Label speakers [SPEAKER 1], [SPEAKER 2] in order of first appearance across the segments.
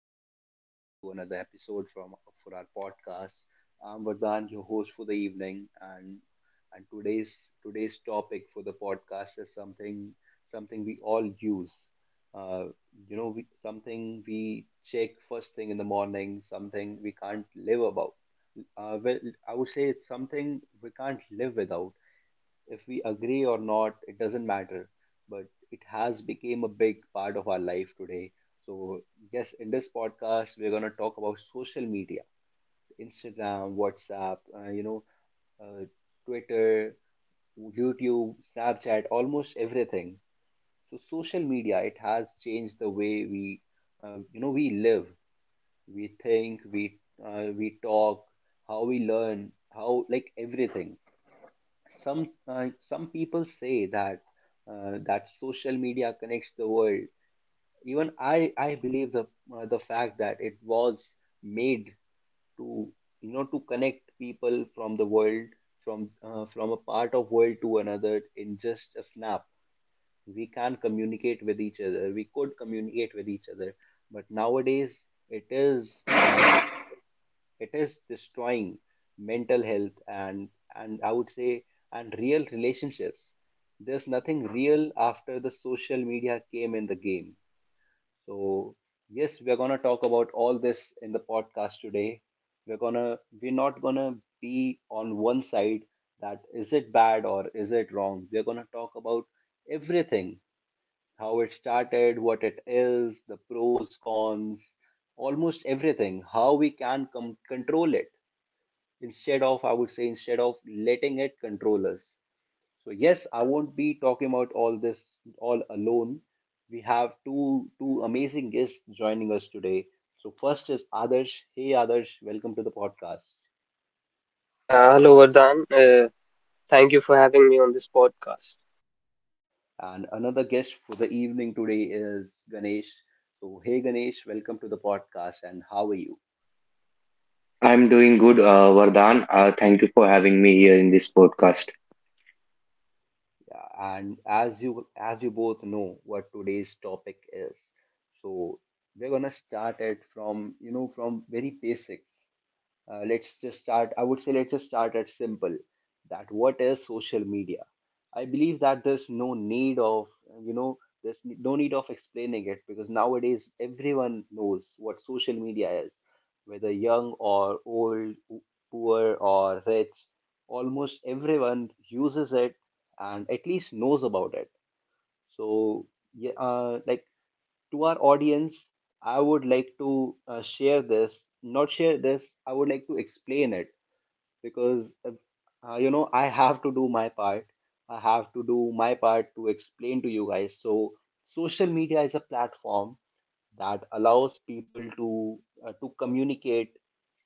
[SPEAKER 1] and welcome back to another episode from for our podcast. I'm Vardhan, your host for the evening, and today's topic for the podcast is something we all use. Uh, Something we check first thing in the morning, something we can't live about. Well, I would say it's something we can't live without if we agree or not, it doesn't matter, but it has become a big part of our life today. So yes, in this podcast we're going to talk about social media: Instagram, WhatsApp, uh, Twitter, YouTube, Snapchat, almost everything. So social media, it has changed the way we you know we live, we think, we talk, how we learn, how, like, everything. Some people say that that social media connects the world. Even I believe the fact that it was made to to connect people from the world, from from a part of world to another in just a snap. We can communicate with each other. We could communicate with each other, but nowadays it is uh, it is destroying mental health, and I would say, and real relationships. There's nothing real after the social media came in the game. So yes, we're going to talk about all this in the podcast today. We're not going to be on one side, that is, it bad or is it wrong. We're going to talk about everything: how it started, what it is, the pros, cons, almost everything, how we can control it, instead of I would say, instead of letting it control us. So yes, I won't be talking about all this all alone. We have two amazing guests joining us today. So first is Adarsh. Hey Adarsh, welcome to the podcast.
[SPEAKER 2] Yeah, hello Vardhan. Thank you for having me on this podcast.
[SPEAKER 1] And another guest for the evening today is Ganesh. So hey Ganesh, welcome to the podcast, and how are you?
[SPEAKER 3] I'm doing good, Vardhan. Thank you for having me here in this podcast.
[SPEAKER 1] Yeah, and as you both know what today's topic is, so we're gonna start it from from very basics. Let's just start. I would say let's just start at simple. That, what is social media? I believe that you know there's no need of explaining it, because nowadays everyone knows what social media is, whether young or old, poor or rich. Almost everyone uses it and at least knows about it. So yeah, like, to our audience, I would like to share this, not share this, I would like to explain it, because, I have to do my part. I have to do my part to explain to you guys. So, social media is a platform that allows people to to communicate,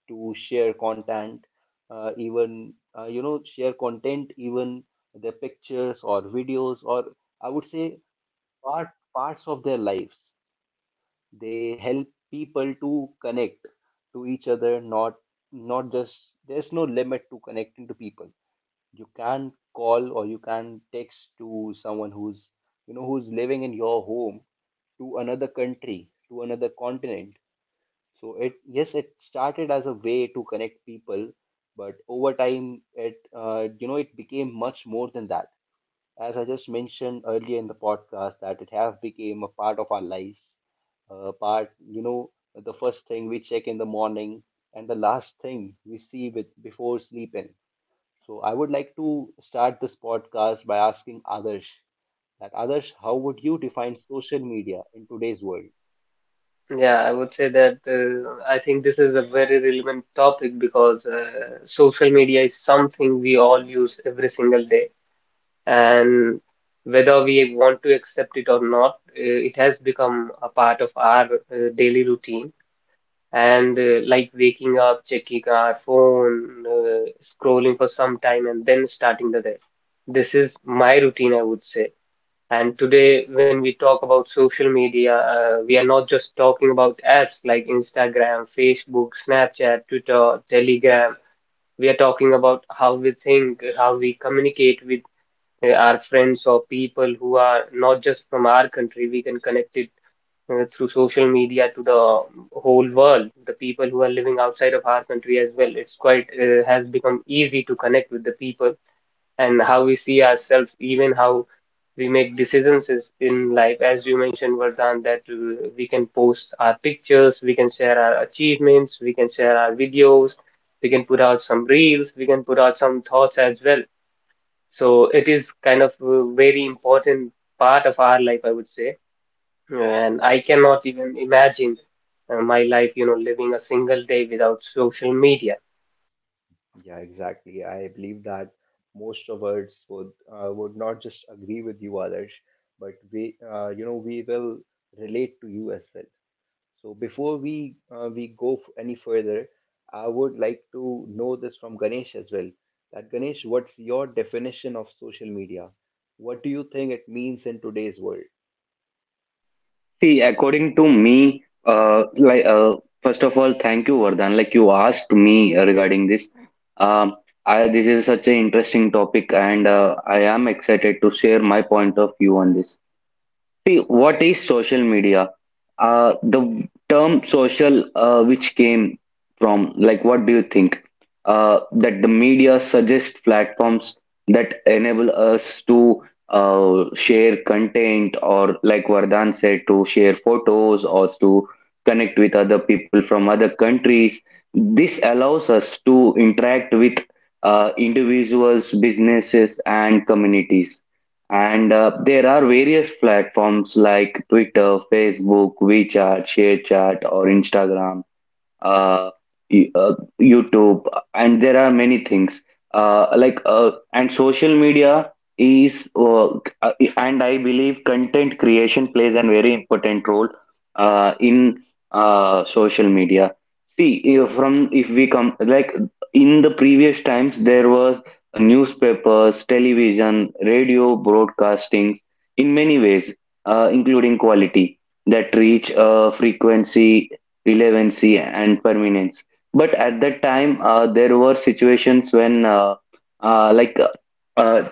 [SPEAKER 1] to share content, even their pictures or videos, or I would say part parts of their lives. They help people to connect to each other, not just, there's no limit to connecting to people. You can call or you can text to someone who's living in your home, to another country, to another continent. So it yes, it started as a way to connect people, but over time, it you know it became much more than that, as I just mentioned earlier in the podcast, that it has become a part of our lives. The first thing we check in the morning and the last thing we see with before sleeping. So I would like to start this podcast by asking Adarsh that Adarsh, how would you define social media in today's world?
[SPEAKER 2] Yeah, I would say that I think this is a very relevant topic because social media is something we all use every single day, and whether we want to accept it or not, it has become a part of our daily routine. And like waking up, checking our phone, scrolling for some time, and then starting the day. This is my routine, I would say. And today, when we talk about social media, we are not just talking about apps like Instagram, Facebook, Snapchat, Twitter, Telegram. We are talking about how we think, how we communicate with our friends or people who are not just from our country. We can connect it through social media to the whole world, the people who are living outside of our country as well. It's quite has become easy to connect with the people, and how we see ourselves, even how we make decisions is in life. As you mentioned, Vardhan, that we can post our pictures, we can share our achievements, we can share our videos, we can put out some reels, we can put out some thoughts as well. So it is kind of a very important part of our life, I would say. And
[SPEAKER 1] Yeah,
[SPEAKER 2] I cannot even imagine my life, you know, living a single day without social media.
[SPEAKER 1] yeah, exactly. I believe that most of us would would not just agree with you, Adarsh, but we will relate to you as well. So before we go any further, I would like to know this from Ganesh as well. That Ganesh, what's your definition of social media? What do you think it means in today's world?
[SPEAKER 3] See, according to me, first of all, thank you, Vardhan. Like you asked me regarding this. Um, this is such an interesting topic, and I am excited to share my point of view on this. See, what is social media? The term social, which came from, like, what do you think? That the media suggest platforms that enable us to share content, or like Vardhan said, to share photos or to connect with other people from other countries. This allows us to interact with individuals, businesses, and communities, and there are various platforms like Twitter, Facebook, WeChat, ShareChat, or Instagram, uh, y- uh, YouTube, and there are many things. And social media is And I believe content creation plays a very important role in social media. See, if we come, like, in the previous times, there was newspapers, television, radio broadcastings in many ways, including quality that reach a frequency, relevancy and permanence. But at that time, there were situations when, uh, like, uh, uh,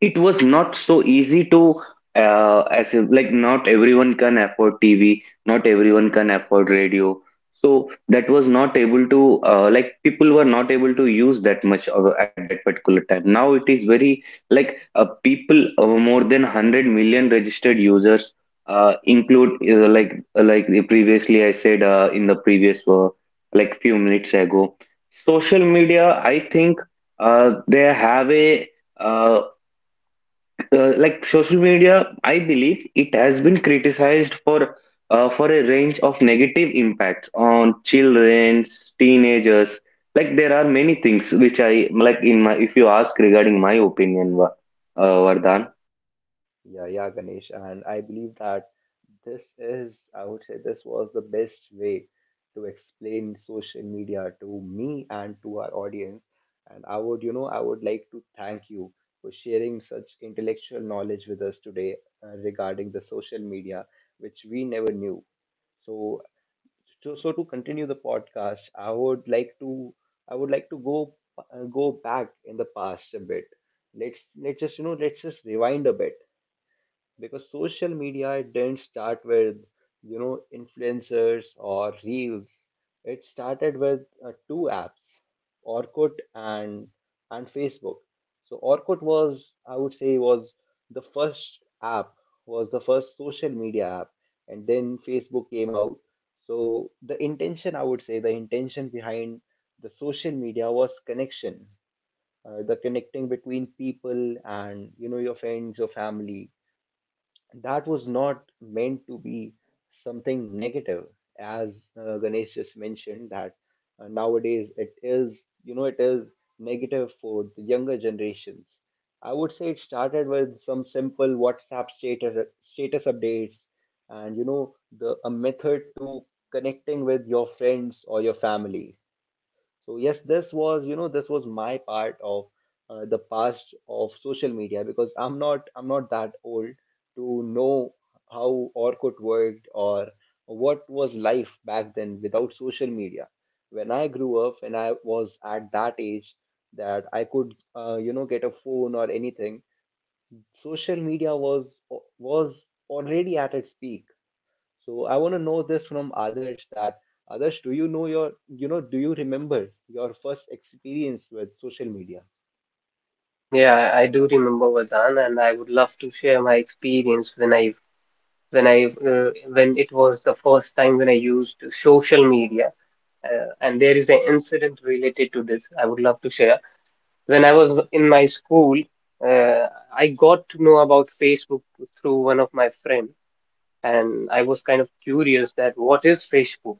[SPEAKER 3] it was not so easy to, as if, like, not everyone can afford TV, not everyone can afford radio. So that was not able to, like, people were not able to use that much of, at that particular time. Now it is very, like, people, more than 100 million registered users, include previously I said, in the previous, like few minutes ago, social media, I think they have a, uh, social media, I believe it has been criticized for, a range of negative impacts on children, teenagers. Like there are many things which I like in my, if you ask regarding my opinion, Vardhan.
[SPEAKER 1] Yeah, yeah, Ganesh. And I believe that this is, I would say, this was the best way to explain social media to me and to our audience. And I would like to thank you for sharing such intellectual knowledge with us today, regarding the social media, which we never knew. So, so, to continue the podcast, I would like to go back in the past a bit. Let's just rewind a bit, because social media didn't start with influencers or reels. It started with two apps: Orkut and Facebook. So Orkut was, I would say, was the first app, was the first social media app. And then Facebook came out. So the intention, I would say, the intention behind the social media was connection, the connecting between people, and your friends, your family. That was not meant to be something negative, as Ganesh just mentioned, that nowadays it is negative for the younger generations. I would say it started with some simple WhatsApp status updates, and you know the a method to connecting with your friends or your family. So yes, this was my part of the past of social media, because I'm not that old to know how Orkut worked or what was life back then without social media. When I grew up and I was at that age that I could, get a phone or anything, social media was already at its peak. So I want to know this from others, that others, do you know your, do you remember your first experience with social media?
[SPEAKER 2] Yeah, I do remember Vardhan, and I would love to share my experience when I when I when it was the first time when I used social media. And there is an incident related to this I would love to share. When I was in my school, uh, I got to know about Facebook through one of my friend, and I was kind of curious that what is Facebook?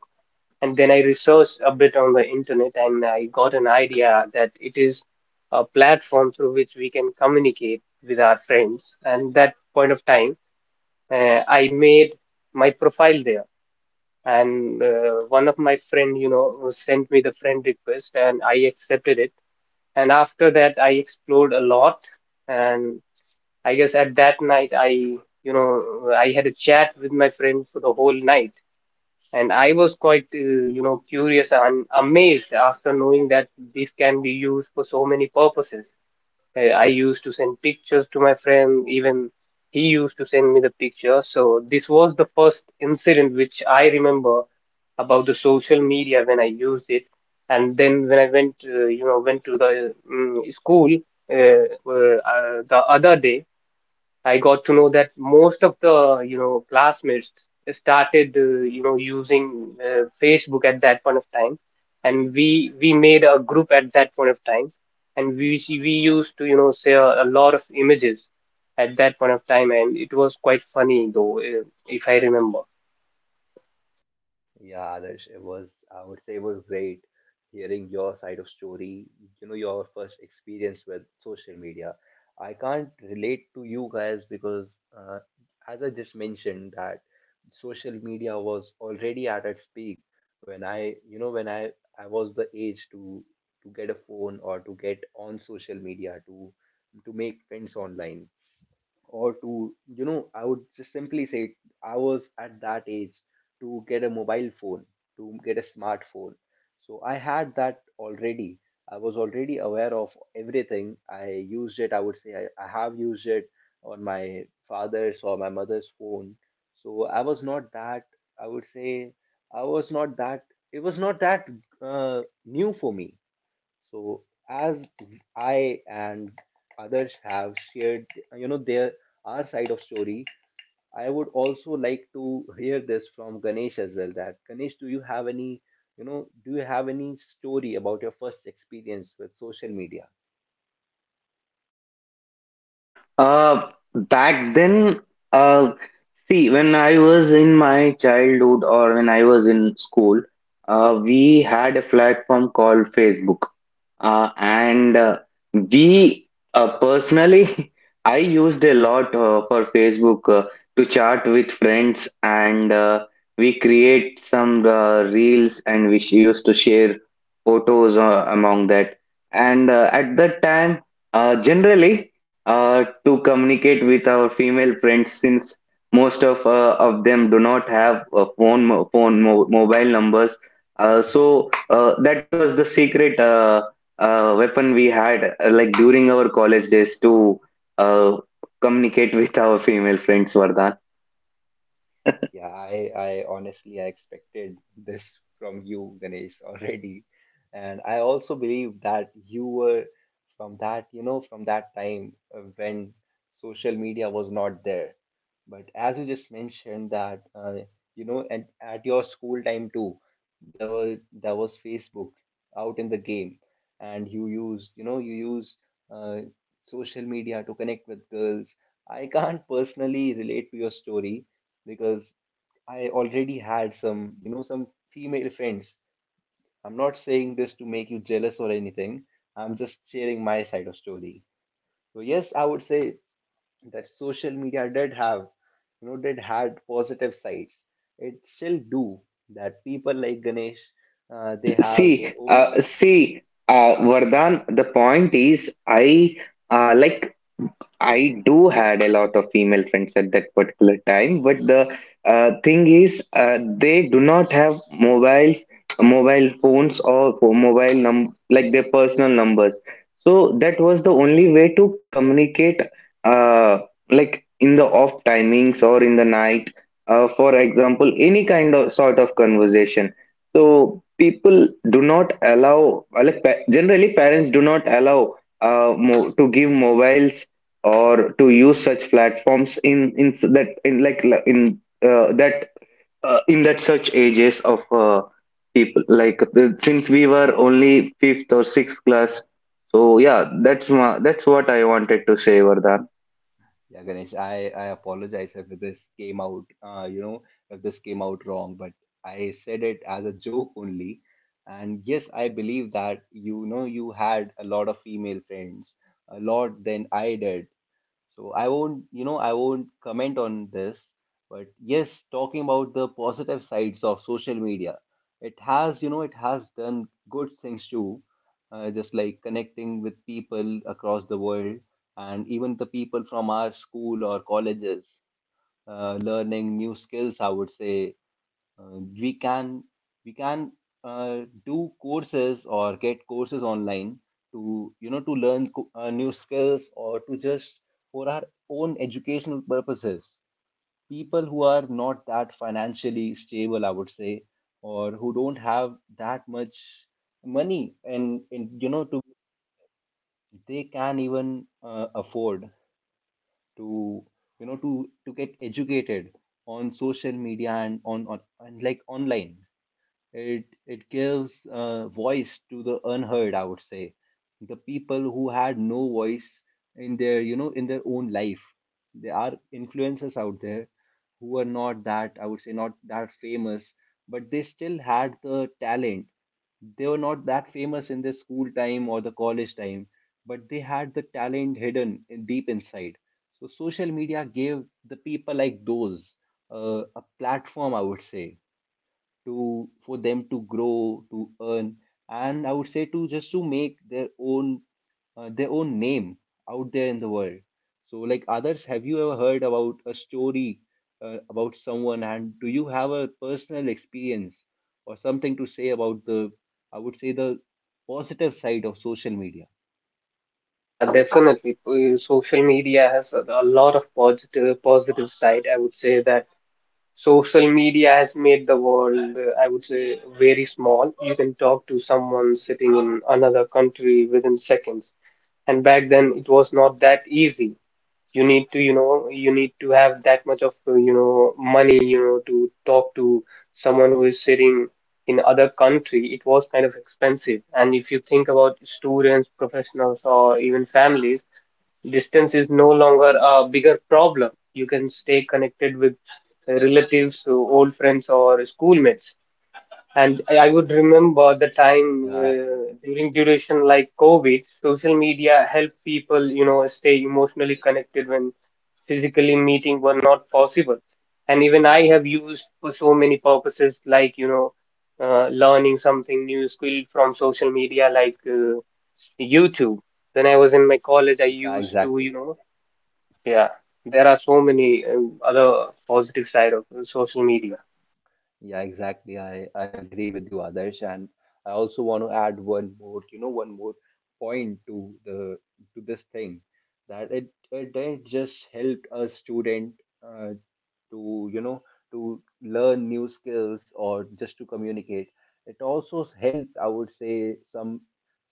[SPEAKER 2] And then I researched a bit on the internet, and I got an idea that it is a platform through which we can communicate with our friends. And that point of time, I made my profile there, and one of my friend, you know, sent me the friend request, and I accepted it. And after that I explored a lot, and I guess at that night I you know I had a chat with my friend for the whole night, and I was quite you know, curious and amazed after knowing that this can be used for so many purposes. I used to send pictures to my friend, even he used to send me the pictures. So this was the first incident which I remember about the social media when I used it, and then when I went to the school the other day, I got to know that most of the, you know, classmates started, you know, using Facebook at that point of time, and we made a group at that point of time, and we used to, you know, share a lot of images at that point of time, and it was quite funny though, if I remember.
[SPEAKER 1] Yeah, Adarsh, it was, I would say, it was great hearing your side of story, your first experience with social media. I can't relate to you guys because, as I just mentioned, that social media was already at its peak when I, you know, when I was the age to get a phone, or to get on social media to make friends online, or to you know I would just simply say, I was at that age to get a mobile phone, to get a smartphone. So I had that already. I was already aware of everything. I used it. I would say, I have used it on my father's or my mother's phone. So I would say, I was not that it was not that new for me. So as I and others have shared, their, our side of story, I would also like to hear this from Ganesh as well. That Ganesh, do you have any you know do you have any story about your first experience with social media?
[SPEAKER 3] Uh, back then, uh, See, when I was in my childhood or when I was in school, we had a platform called Facebook. And we personally, I used a lot for Facebook to chat with friends, and we create some reels, and used to share photos among that. And at that time, generally, uh, to communicate with our female friends, since most of them do not have mobile numbers, so that was the secret weapon we had, like during our college days to uh, communicate with our female friends, Vardhan.
[SPEAKER 1] Yeah, I honestly I expected this from you, Ganesh, already. And I also believe that you were from that time when social media was not there. But as you just mentioned that, and at your school time too, there was Facebook out in the game, and you used uh, social media to connect with girls. I can't personally relate to your story because I already had some female friends. I'm not saying this to make you jealous or anything. I'm just sharing my side of story. So yes, I would say that social media did have, did had positive sides. It still do, that people like Ganesh, they
[SPEAKER 3] see
[SPEAKER 1] have their own.
[SPEAKER 3] uh, see uh, Vardhan, the point is, i uh, like I do had a lot of female friends at that particular time, but the thing is, they do not have mobiles, mobile phones, or for mobile num like their personal numbers. So that was the only way to communicate, uh, like in the off timings or in the night. For example, any kind of sort of conversation. So people do not allow, generally parents do not allow, mo to give mobiles or to use such platforms in that in that such ages of people, since we were only fifth or sixth class. So yeah, that's what I wanted to say, Vardhan.
[SPEAKER 1] Yeah, Ganesh, I apologize if this came out, you know, if this came out wrong, but I said it as a joke only. And yes, I believe that you had a lot of female friends, a lot than I did. So I won't comment on this, but yes, talking about the positive sides of social media, it has done good things too, just like connecting with people across the world and even the people from our school or colleges, learning new skills, I would say, uh, we can we can uh, do courses or get courses online to to learn new skills, or to just for our own educational purposes. People who are not that financially stable, I would say, or who don't have that much money, and you know to they can even afford to get educated on social media and on and, like, online. It gives voice to the unheard, I would say. The people who had no voice in their own life. There are influencers out there who are not that, I would say, not that famous, but they still had the talent. They were not that famous in their school time or the college time, but they had the talent hidden in deep inside. So social media gave the people like those a platform, I would say, to for them to grow, to earn, and I would say to just to make their own name out there in the world. So like others, have you ever heard about a story about someone, and do you have a personal experience or something to say about the, I would say, the positive side of social media?
[SPEAKER 2] Yeah, definitely. Social media has a lot of positive side. I would say that social media has made the world, I would say, very small. You can talk to someone sitting in another country within seconds. And back then, it was not that easy. You need to, you know, you need to have that much of, you know, money, you know, to talk to someone who is sitting in other country. It was kind of expensive. And if you think about students, professionals, or even families, distance is no longer a bigger problem. You can stay connected with relatives, old friends, or schoolmates. And I would remember the time
[SPEAKER 1] Yeah,
[SPEAKER 2] during duration like COVID, social media helped people, you know, stay emotionally connected when physically meeting were not possible. And even
[SPEAKER 1] yeah,
[SPEAKER 2] I have used for so many purposes, like, you know, learning something new skill from social media, like YouTube. When I was in my college, I
[SPEAKER 1] yeah,
[SPEAKER 2] used to,
[SPEAKER 1] exactly.
[SPEAKER 2] you know, yeah, there are so many other positive side of social media.
[SPEAKER 1] Yeah, exactly. I agree with you, Adarsh. And I also want to add one more, you know, one more point to the, to this thing, that it didn't just help a student uh, to, you know, to learn new skills or just to communicate. It also help, I would say, some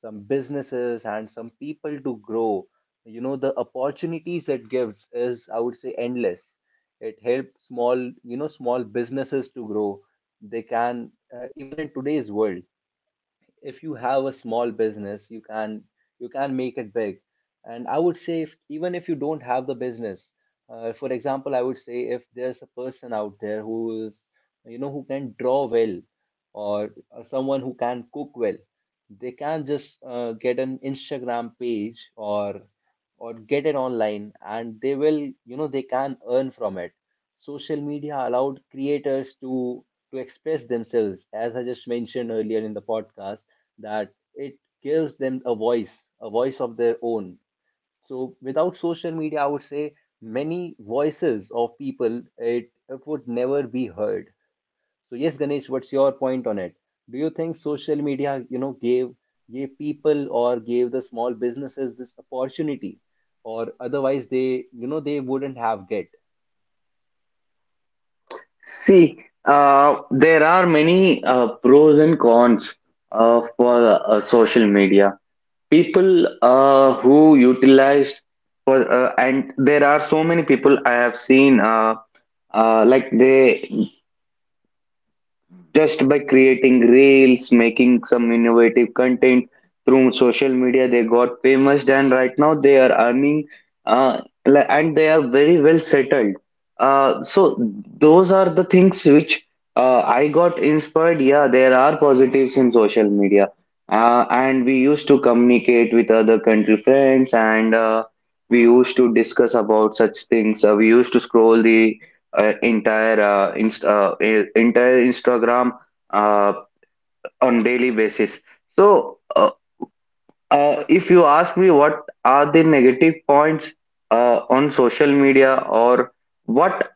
[SPEAKER 1] some businesses and some people to grow. You know, the opportunities it gives is, I would say, endless. It helps small, you know, small businesses to grow. They can, even in today's world, if you have a small business, you can, you can make it big. And I would say, if, even if you don't have the business, for example, I would say, if there's a person out there who is, you know, who can draw well, or someone who can cook well, they can just get an Instagram page, or get it online, and they will, you know, they can earn from it. Social media allowed creators to express themselves, as I just mentioned earlier in the podcast, that it gives them a voice, a voice of their own. So without social media, I would say, many voices of people, it would never be heard. So yes, Ganesh, what's your point on it? Do you think social media, you know, gave people or gave the small businesses this opportunity, or otherwise they, you know, they wouldn't have get?
[SPEAKER 3] See, there are many pros and cons for social media. People who utilized, for and there are so many people I have seen, they, just by creating reels, making some innovative content through social media, they got famous, and right now they are earning, uh, and they are very well settled. So those are the things which I got inspired. Yeah, there are positives in social media, and we used to communicate with other country friends, and we used to discuss about such things. We used to scroll the entire Instagram uh, on daily basis. So, if you ask me, what are the negative points on social media? Or what,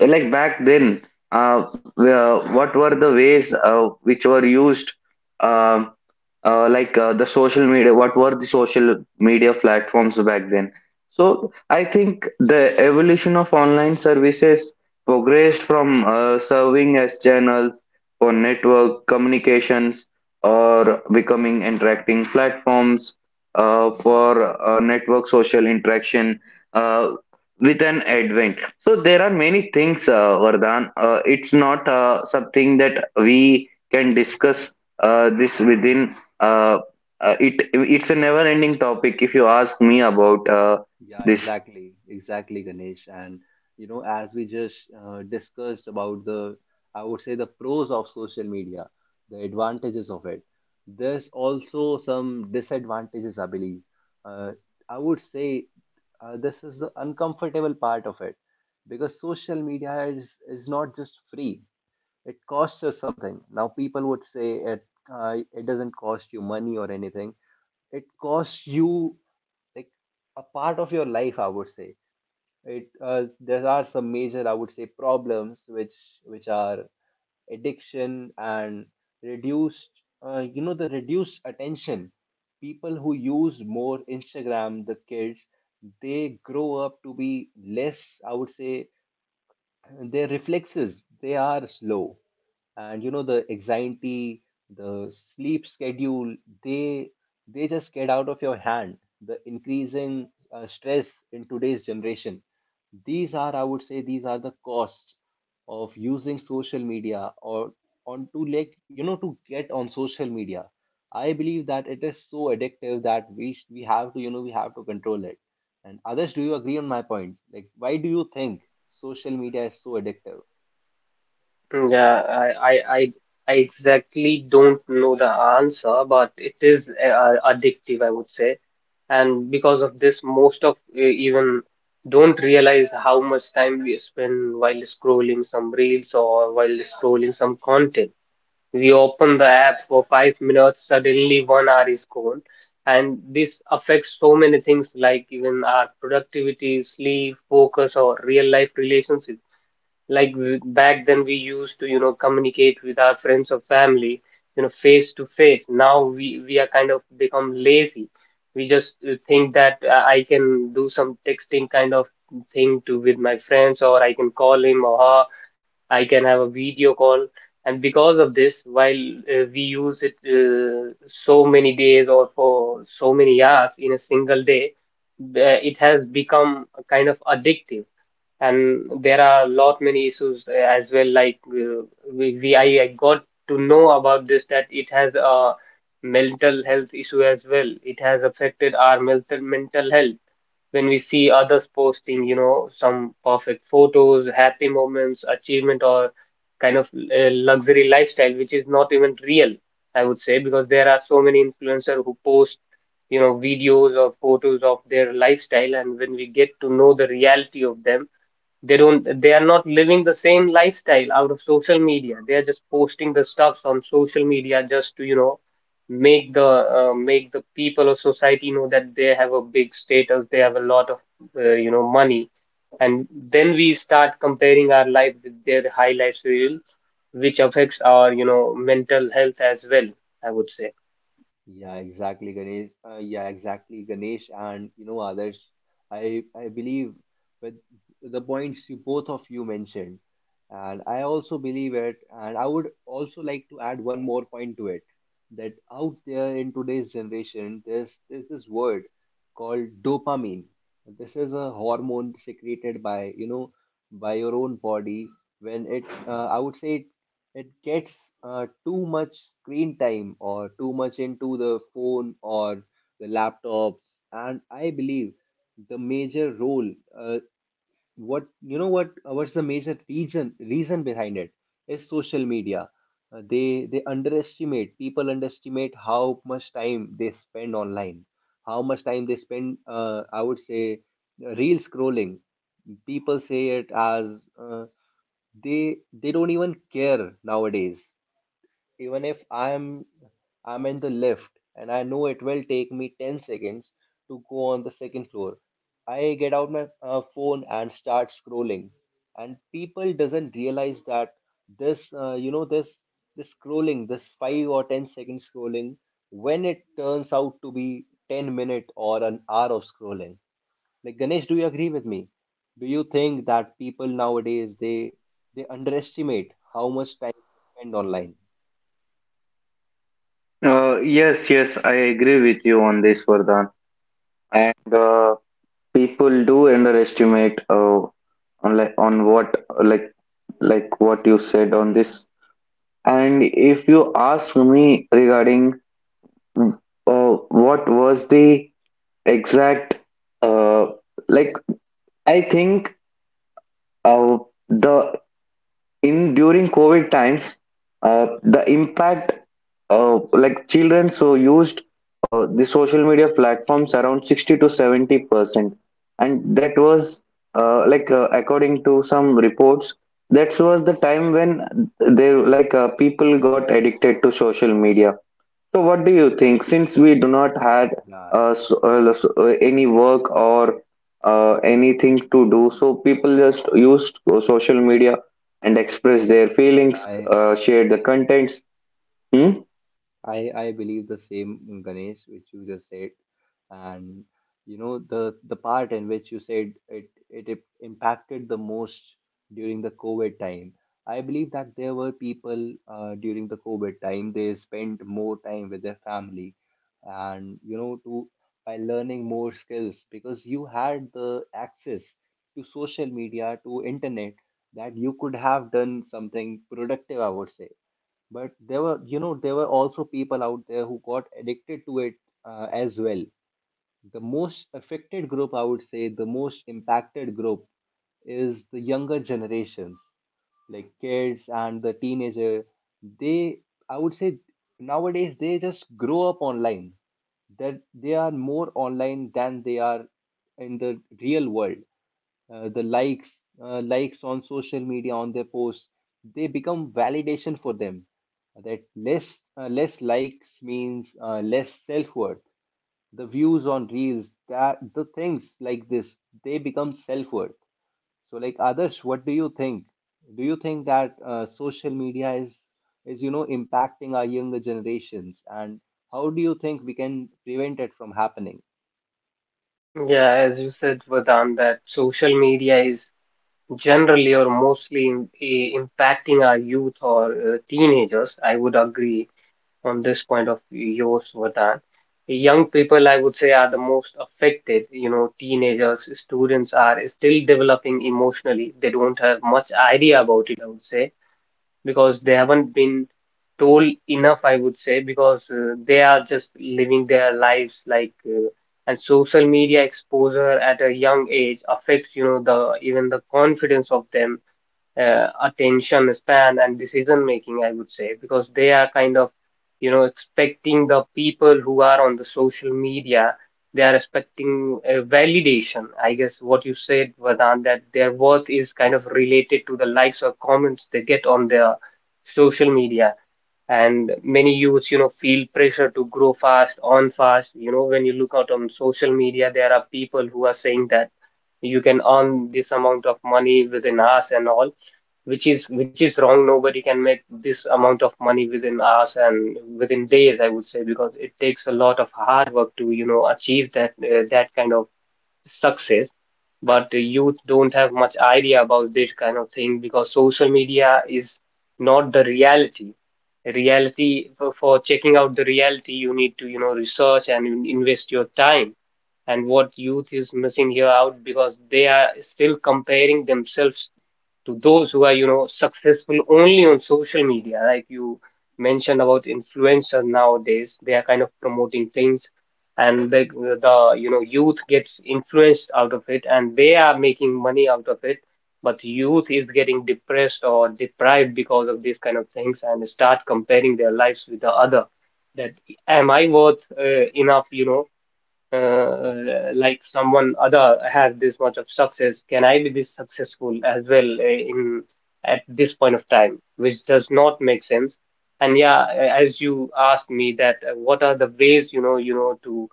[SPEAKER 3] like back then, uh, what were the ways which were used? um the social media, what were the social media platforms back then? So I think the evolution of online services progressed from, serving as channels for network communications, or becoming interacting platforms for network social interaction uh, with an advent. So there are many things, Vardhan. It's not something that we can discuss this within. It's a never-ending topic. If you ask me about
[SPEAKER 1] Yeah,
[SPEAKER 3] this.
[SPEAKER 1] exactly, exactly, Ganesh. And you know, as we just discussed about the, I would say, the pros of social media, the advantages of it. There's also some disadvantages, I believe. Uh, I would say this is the uncomfortable part of it because social media is not just free. It costs us something. Now people would say it, it doesn't cost you money or anything, it costs you, like, a part of your life, I would say. It, there are some major, I would say, problems which are addiction and reduced, you know, the reduced attention. People who use more Instagram, the kids, they grow up to be less, I would say, their reflexes, they are slow. And you know, the anxiety, the sleep schedule, they they just get out of your hand. The increasing stress in today's generation, these are, I would say, these are the costs of using social media, or on to, like, you know, to get on social media. I believe that it is so addictive that we have to, you know, we have to control it. And others, do you agree on my point? Like, why do you think social media is so addictive?
[SPEAKER 2] Yeah, I exactly don't know the answer, but it is addictive, I would say. And because of this, most of even don't realize how much time we spend while scrolling some reels or while scrolling some content. We open the app for 5 minutes, suddenly 1 hour is gone. And this affects so many things like even our productivity, sleep, focus, or real life relationships. Like back then, we used to, you know, communicate with our friends or family, you know, face to face. Now we are kind of become lazy. We just think that I can do some texting kind of thing to with my friends, or I can call him or her, I can have a video call. And because of this, while we use it so many days or for so many hours in a single day, it has become a kind of addictive. And there are a lot many issues as well. Like I got to know about this that it has a mental health issue as well. It has affected our mental health when we see others posting, you know, some perfect photos, happy moments, achievement, or kind of luxury lifestyle, which is not even real, I would say, because there are so many influencers who post, you know, videos or photos of their lifestyle. And when we get to know the reality of them, they are not living the same lifestyle out of social media. They are just posting the stuffs on social media just to, you know, make the people of society know that they have a big status, they have a lot of, you know, money. And then we start comparing our life with their highlight reel, which affects our, you know, mental health as well, I would say.
[SPEAKER 1] Yeah, exactly, Ganesh. Yeah, exactly, Ganesh, and you know, Adarsh. I believe with the points you, both of you mentioned, and I also believe it. And I would also like to add one more point to it, that out there in today's generation, there's this word called dopamine. This is a hormone secreted by, you know, by your own body when it, I would say, it gets too much screen time or too much into the phone or the laptops. And I believe the major role, uh, what, you know, what's the major reason behind it is social media. They underestimate, people underestimate how much time they spend online, how much time they spend, I would say, reel scrolling. People say it as, uh, they they don't even care nowadays. Even if I'm in the lift and I know it will take me 10 seconds to go on the second floor, I get out my phone and start scrolling. And people doesn't realize that this, you know, this scrolling, this 5 or 10-second scrolling, when it turns out to be 10 minute or an hour of scrolling. Like Ganesh, do you agree with me? Do you think that people nowadays they underestimate how much time they spend online?
[SPEAKER 3] Yes, yes, I agree with you on this, Vardhan. And people do underestimate, on like on what like what you said on this. And if you ask me regarding, mm, uh, what was the exact, uh, like I think, uh, the in during COVID times, the impact, children so used the social media platforms around 60 to 70%, and that was, according to some reports, that was the time when, they like people got addicted to social media. So, what do you think? Since we do not had,
[SPEAKER 1] Yeah,
[SPEAKER 3] uh, so, uh, so, uh, any work or anything to do, so people just used social media and express their feelings,
[SPEAKER 1] I
[SPEAKER 3] share the contents. Hmm?
[SPEAKER 1] I believe the same, Ganesh, which you just said, and you know the part in which you said impacted the most during the COVID time. I believe that there were people, during the COVID time, they spent more time with their family, and you know, to by learning more skills, because you had the access to social media, to internet, that you could have done something productive, I would say. But there were, you know, there were also people out there who got addicted to it as well. The most affected group, I would say, the most impacted group, is the younger generations, like kids and the teenager. They, I would say, nowadays they just grow up online. That they are more online than they are in the real world. The likes, likes on social media on their posts, they become validation for them. That less, less likes means less self worth. The views on reels, that the things like this, they become self-worth. So like others, what do you think? Do you think that social media is you know impacting our younger generations, and how do you think we can prevent it from happening?
[SPEAKER 2] Yeah, as you said, Vardhan, that social media is generally or mostly impacting our youth or teenagers. I would agree on this point of yours, Vardhan. Young people, I would say, are the most affected. You know, teenagers, students are still developing emotionally. They don't have much idea about it, I would say, because they haven't been told enough, I would say, because they are just living their lives like. And social media exposure at a young age affects, you know, the even the confidence of them, attention span and decision making, I would say, because they are kind of, you know, expecting the people who are on the social media, they are expecting a validation. I guess what you said, Vedant, that their worth is kind of related to the likes or comments they get on their social media. And many youths, you know, feel pressure to grow fast, on fast. You know, when you look out on social media, there are people who are saying that you can earn this amount of money within us and all, which is wrong. Nobody can make this amount of money within hours and within days, I would say, because it takes a lot of hard work to, you know, achieve that that kind of success. But the youth don't have much idea about this kind of thing because social media is not the reality. Reality for checking out the reality, you need to, you know, research and invest your time, and what youth is missing here out because they are still comparing themselves to those who are, you know, successful only on social media, like you mentioned about influencer. Nowadays they are kind of promoting things, and the you know youth gets influenced out of it, and they are making money out of it, but youth is getting depressed or deprived because of these kind of things and start comparing their lives with the
[SPEAKER 1] Yeah,
[SPEAKER 2] other, that am I worth enough, you know, uh,
[SPEAKER 1] exactly.
[SPEAKER 2] like someone other has this much of success, can I be this successful as well in at this point of time, which does not make sense. And yeah, as you asked me that what are the ways, you know, you know,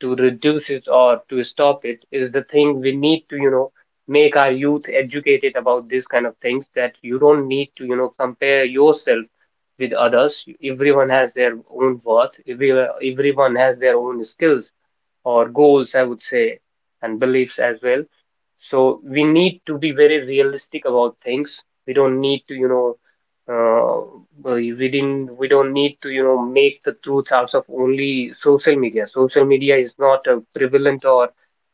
[SPEAKER 2] to reduce it or to stop it is the thing we need to, you know, make our youth educated about these kind of things, that you don't need to, you know, compare yourself with others. Everyone has their own worth. Everyone has their own skills or goals, I would say, and beliefs as well. So we need to be very realistic about things. We don't need to, you know, we don't need to, you know, make the truth out of only social media. Social media is not a prevalent or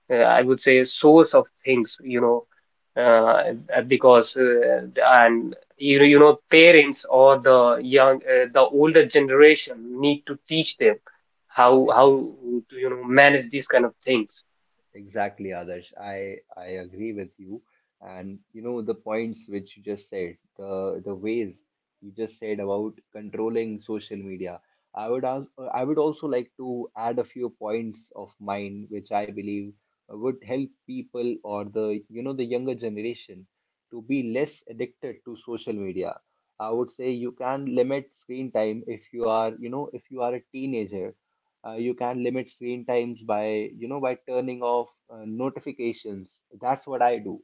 [SPEAKER 2] I would say, source of things, you know, because and you know, parents or the young, the older
[SPEAKER 1] Yeah,
[SPEAKER 2] generation need to teach them
[SPEAKER 1] yeah,
[SPEAKER 2] how
[SPEAKER 1] exactly.
[SPEAKER 2] to, you know, manage these kind of things.
[SPEAKER 1] Exactly, Adarsh. I agree with you. And you know the points which you just said, the ways you just said about controlling social media. I would ask, I would also like to add a few points of mine which I believe would help people or the, you know, the younger generation to be less addicted to social media. I would say you can limit screen time. If you are, you know, if you are a teenager, you can limit screen times by, you know, by turning off notifications. That's what I do.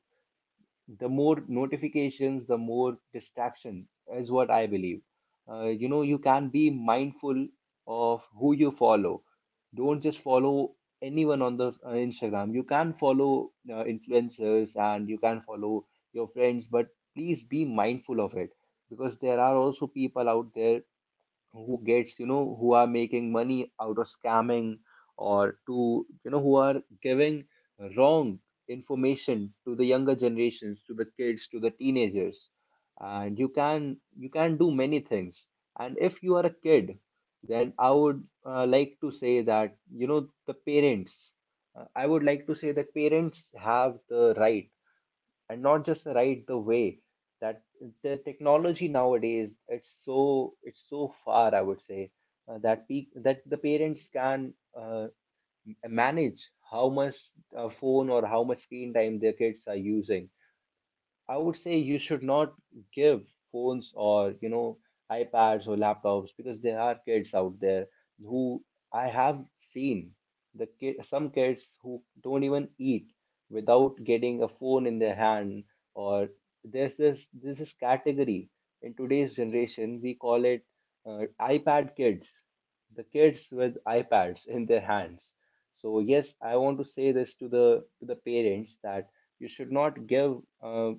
[SPEAKER 1] The more notifications, the more distraction, is what I believe. You know, you can be mindful of who you follow. Don't just follow anyone on the Instagram. You can follow influencers and you can follow your friends, but please be mindful of it, because there are also people out there who gets, you know, who are making money out of scamming, or to, you know, who are giving wrong information to the younger generations, to the kids, to the teenagers. And you can, you can do many things. And if you are a kid, then I would like to say that, you know, the parents, I would like to say that parents have the right, and not just the right, the way, that the technology nowadays, it's so far, I would say, that that the parents can uh, manage how much phone or how much screen time their kids are using. I would say you should not give phones, or you know, iPads or laptops, because there are kids out there who, I have seen the kid, some kids who don't even eat without getting a phone in their hand, or there's this, this is category in today's generation we call it iPad kids, the kids with iPads in their hands. So yes, I want to say this to the, to the parents, that you should not give uh,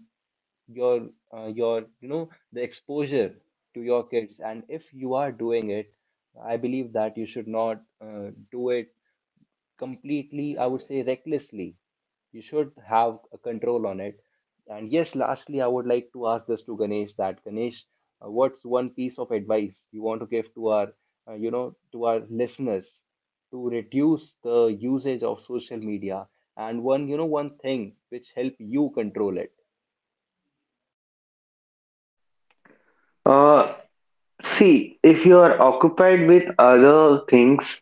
[SPEAKER 1] your your, you know, the exposure to your kids. And if you are doing it, I believe that you should not do it completely, I would say, recklessly. You should have a control on it. And yes, lastly, I would like to ask this to Ganesh, that Ganesh, what's one piece of advice you want to give to our you know, to our listeners to reduce the usage of social media, and one, you know, one thing which help you control it?
[SPEAKER 3] Uh, See, if you are occupied with other things,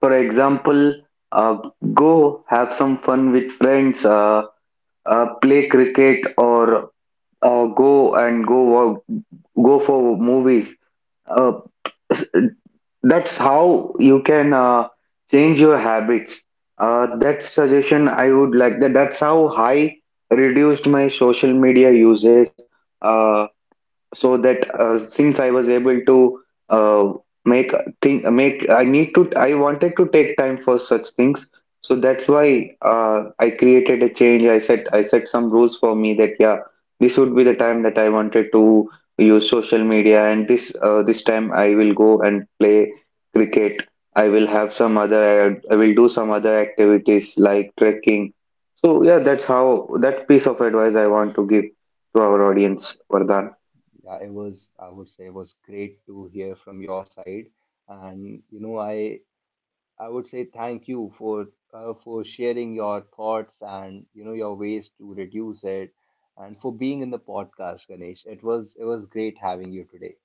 [SPEAKER 3] for example, uh, go have some fun with friends, play cricket, or go and go walk, go for movies. Uh, That's how you can change your habits. That suggestion I would like that. That's how I reduced my social media uses. Uh, so that Since I was able to, uh, make think make I wanted to take time for such things. So that's why, I created a change. I set some rules for me that, yeah, this would be the time that I wanted to use social media, and this time I will go and play cricket. I will have some other I will do some other activities like trekking. So yeah, that's how, that piece of advice I want to give to our audience, Vardhan.
[SPEAKER 1] Yeah, it was, I would say, it was great to hear from your side. And, you know, I would say thank you for sharing your thoughts and, you know, your ways to reduce it and for being in the podcast, Ganesh. It was great having you today.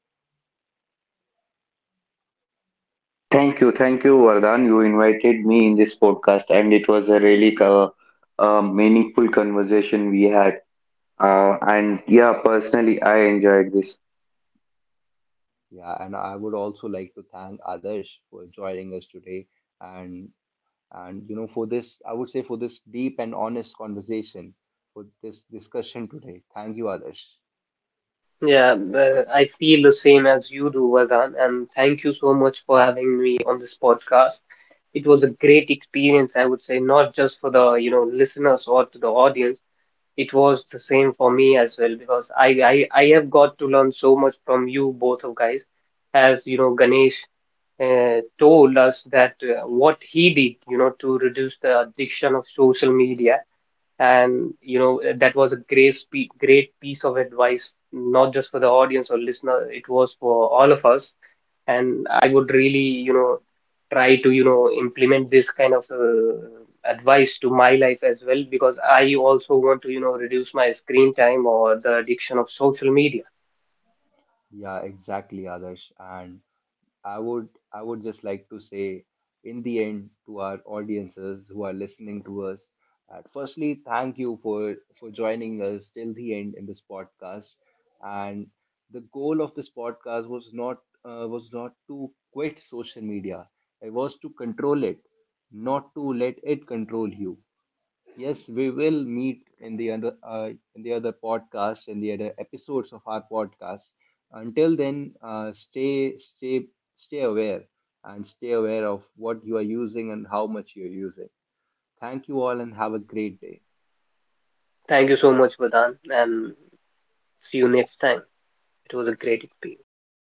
[SPEAKER 3] Thank you, Vardhan. You invited me in this podcast, and it was a really meaningful conversation we had. And yeah, personally, I enjoyed this.
[SPEAKER 1] Yeah, and I would also like to thank Adarsh for joining us today, and and you know, for this, I would say, for this deep and honest conversation, for this discussion today. Thank you, Adarsh.
[SPEAKER 2] Yeah, I feel the same as you do, Vardhan, and thank you so much for having me on this podcast. It was a great experience, I would say, not just for the, you know, listeners or to the audience. It was the same for me as well because I have got to learn so much from you both of guys, as you know Ganesh told us that what he did, you know, to reduce the addiction of social media. And you know, that was a great great piece of advice not just for the audience or listener, it was for all of us. And I would really, you
[SPEAKER 1] Yeah.
[SPEAKER 2] know, try to, you know, implement this kind of advice to my life as well, because I also want to, you know, reduce my screen time or the addiction of social media.
[SPEAKER 1] Yeah, exactly, Adarsh. And I would I would just like to say in the end to our audiences who are listening to us, that firstly, thank you for joining us till the end in this podcast. And the goal of this podcast was not, was not to quit social media, it was to control it, not to let it control you. Yes, we will meet in the other, in the other podcast, in the other episodes of our podcast. Until then, stay aware, and stay aware of what you are using and how much you are using. Thank you all and have a great day.
[SPEAKER 2] Thank you so much, Vadan, and see you next time. It was a great experience. Thank you.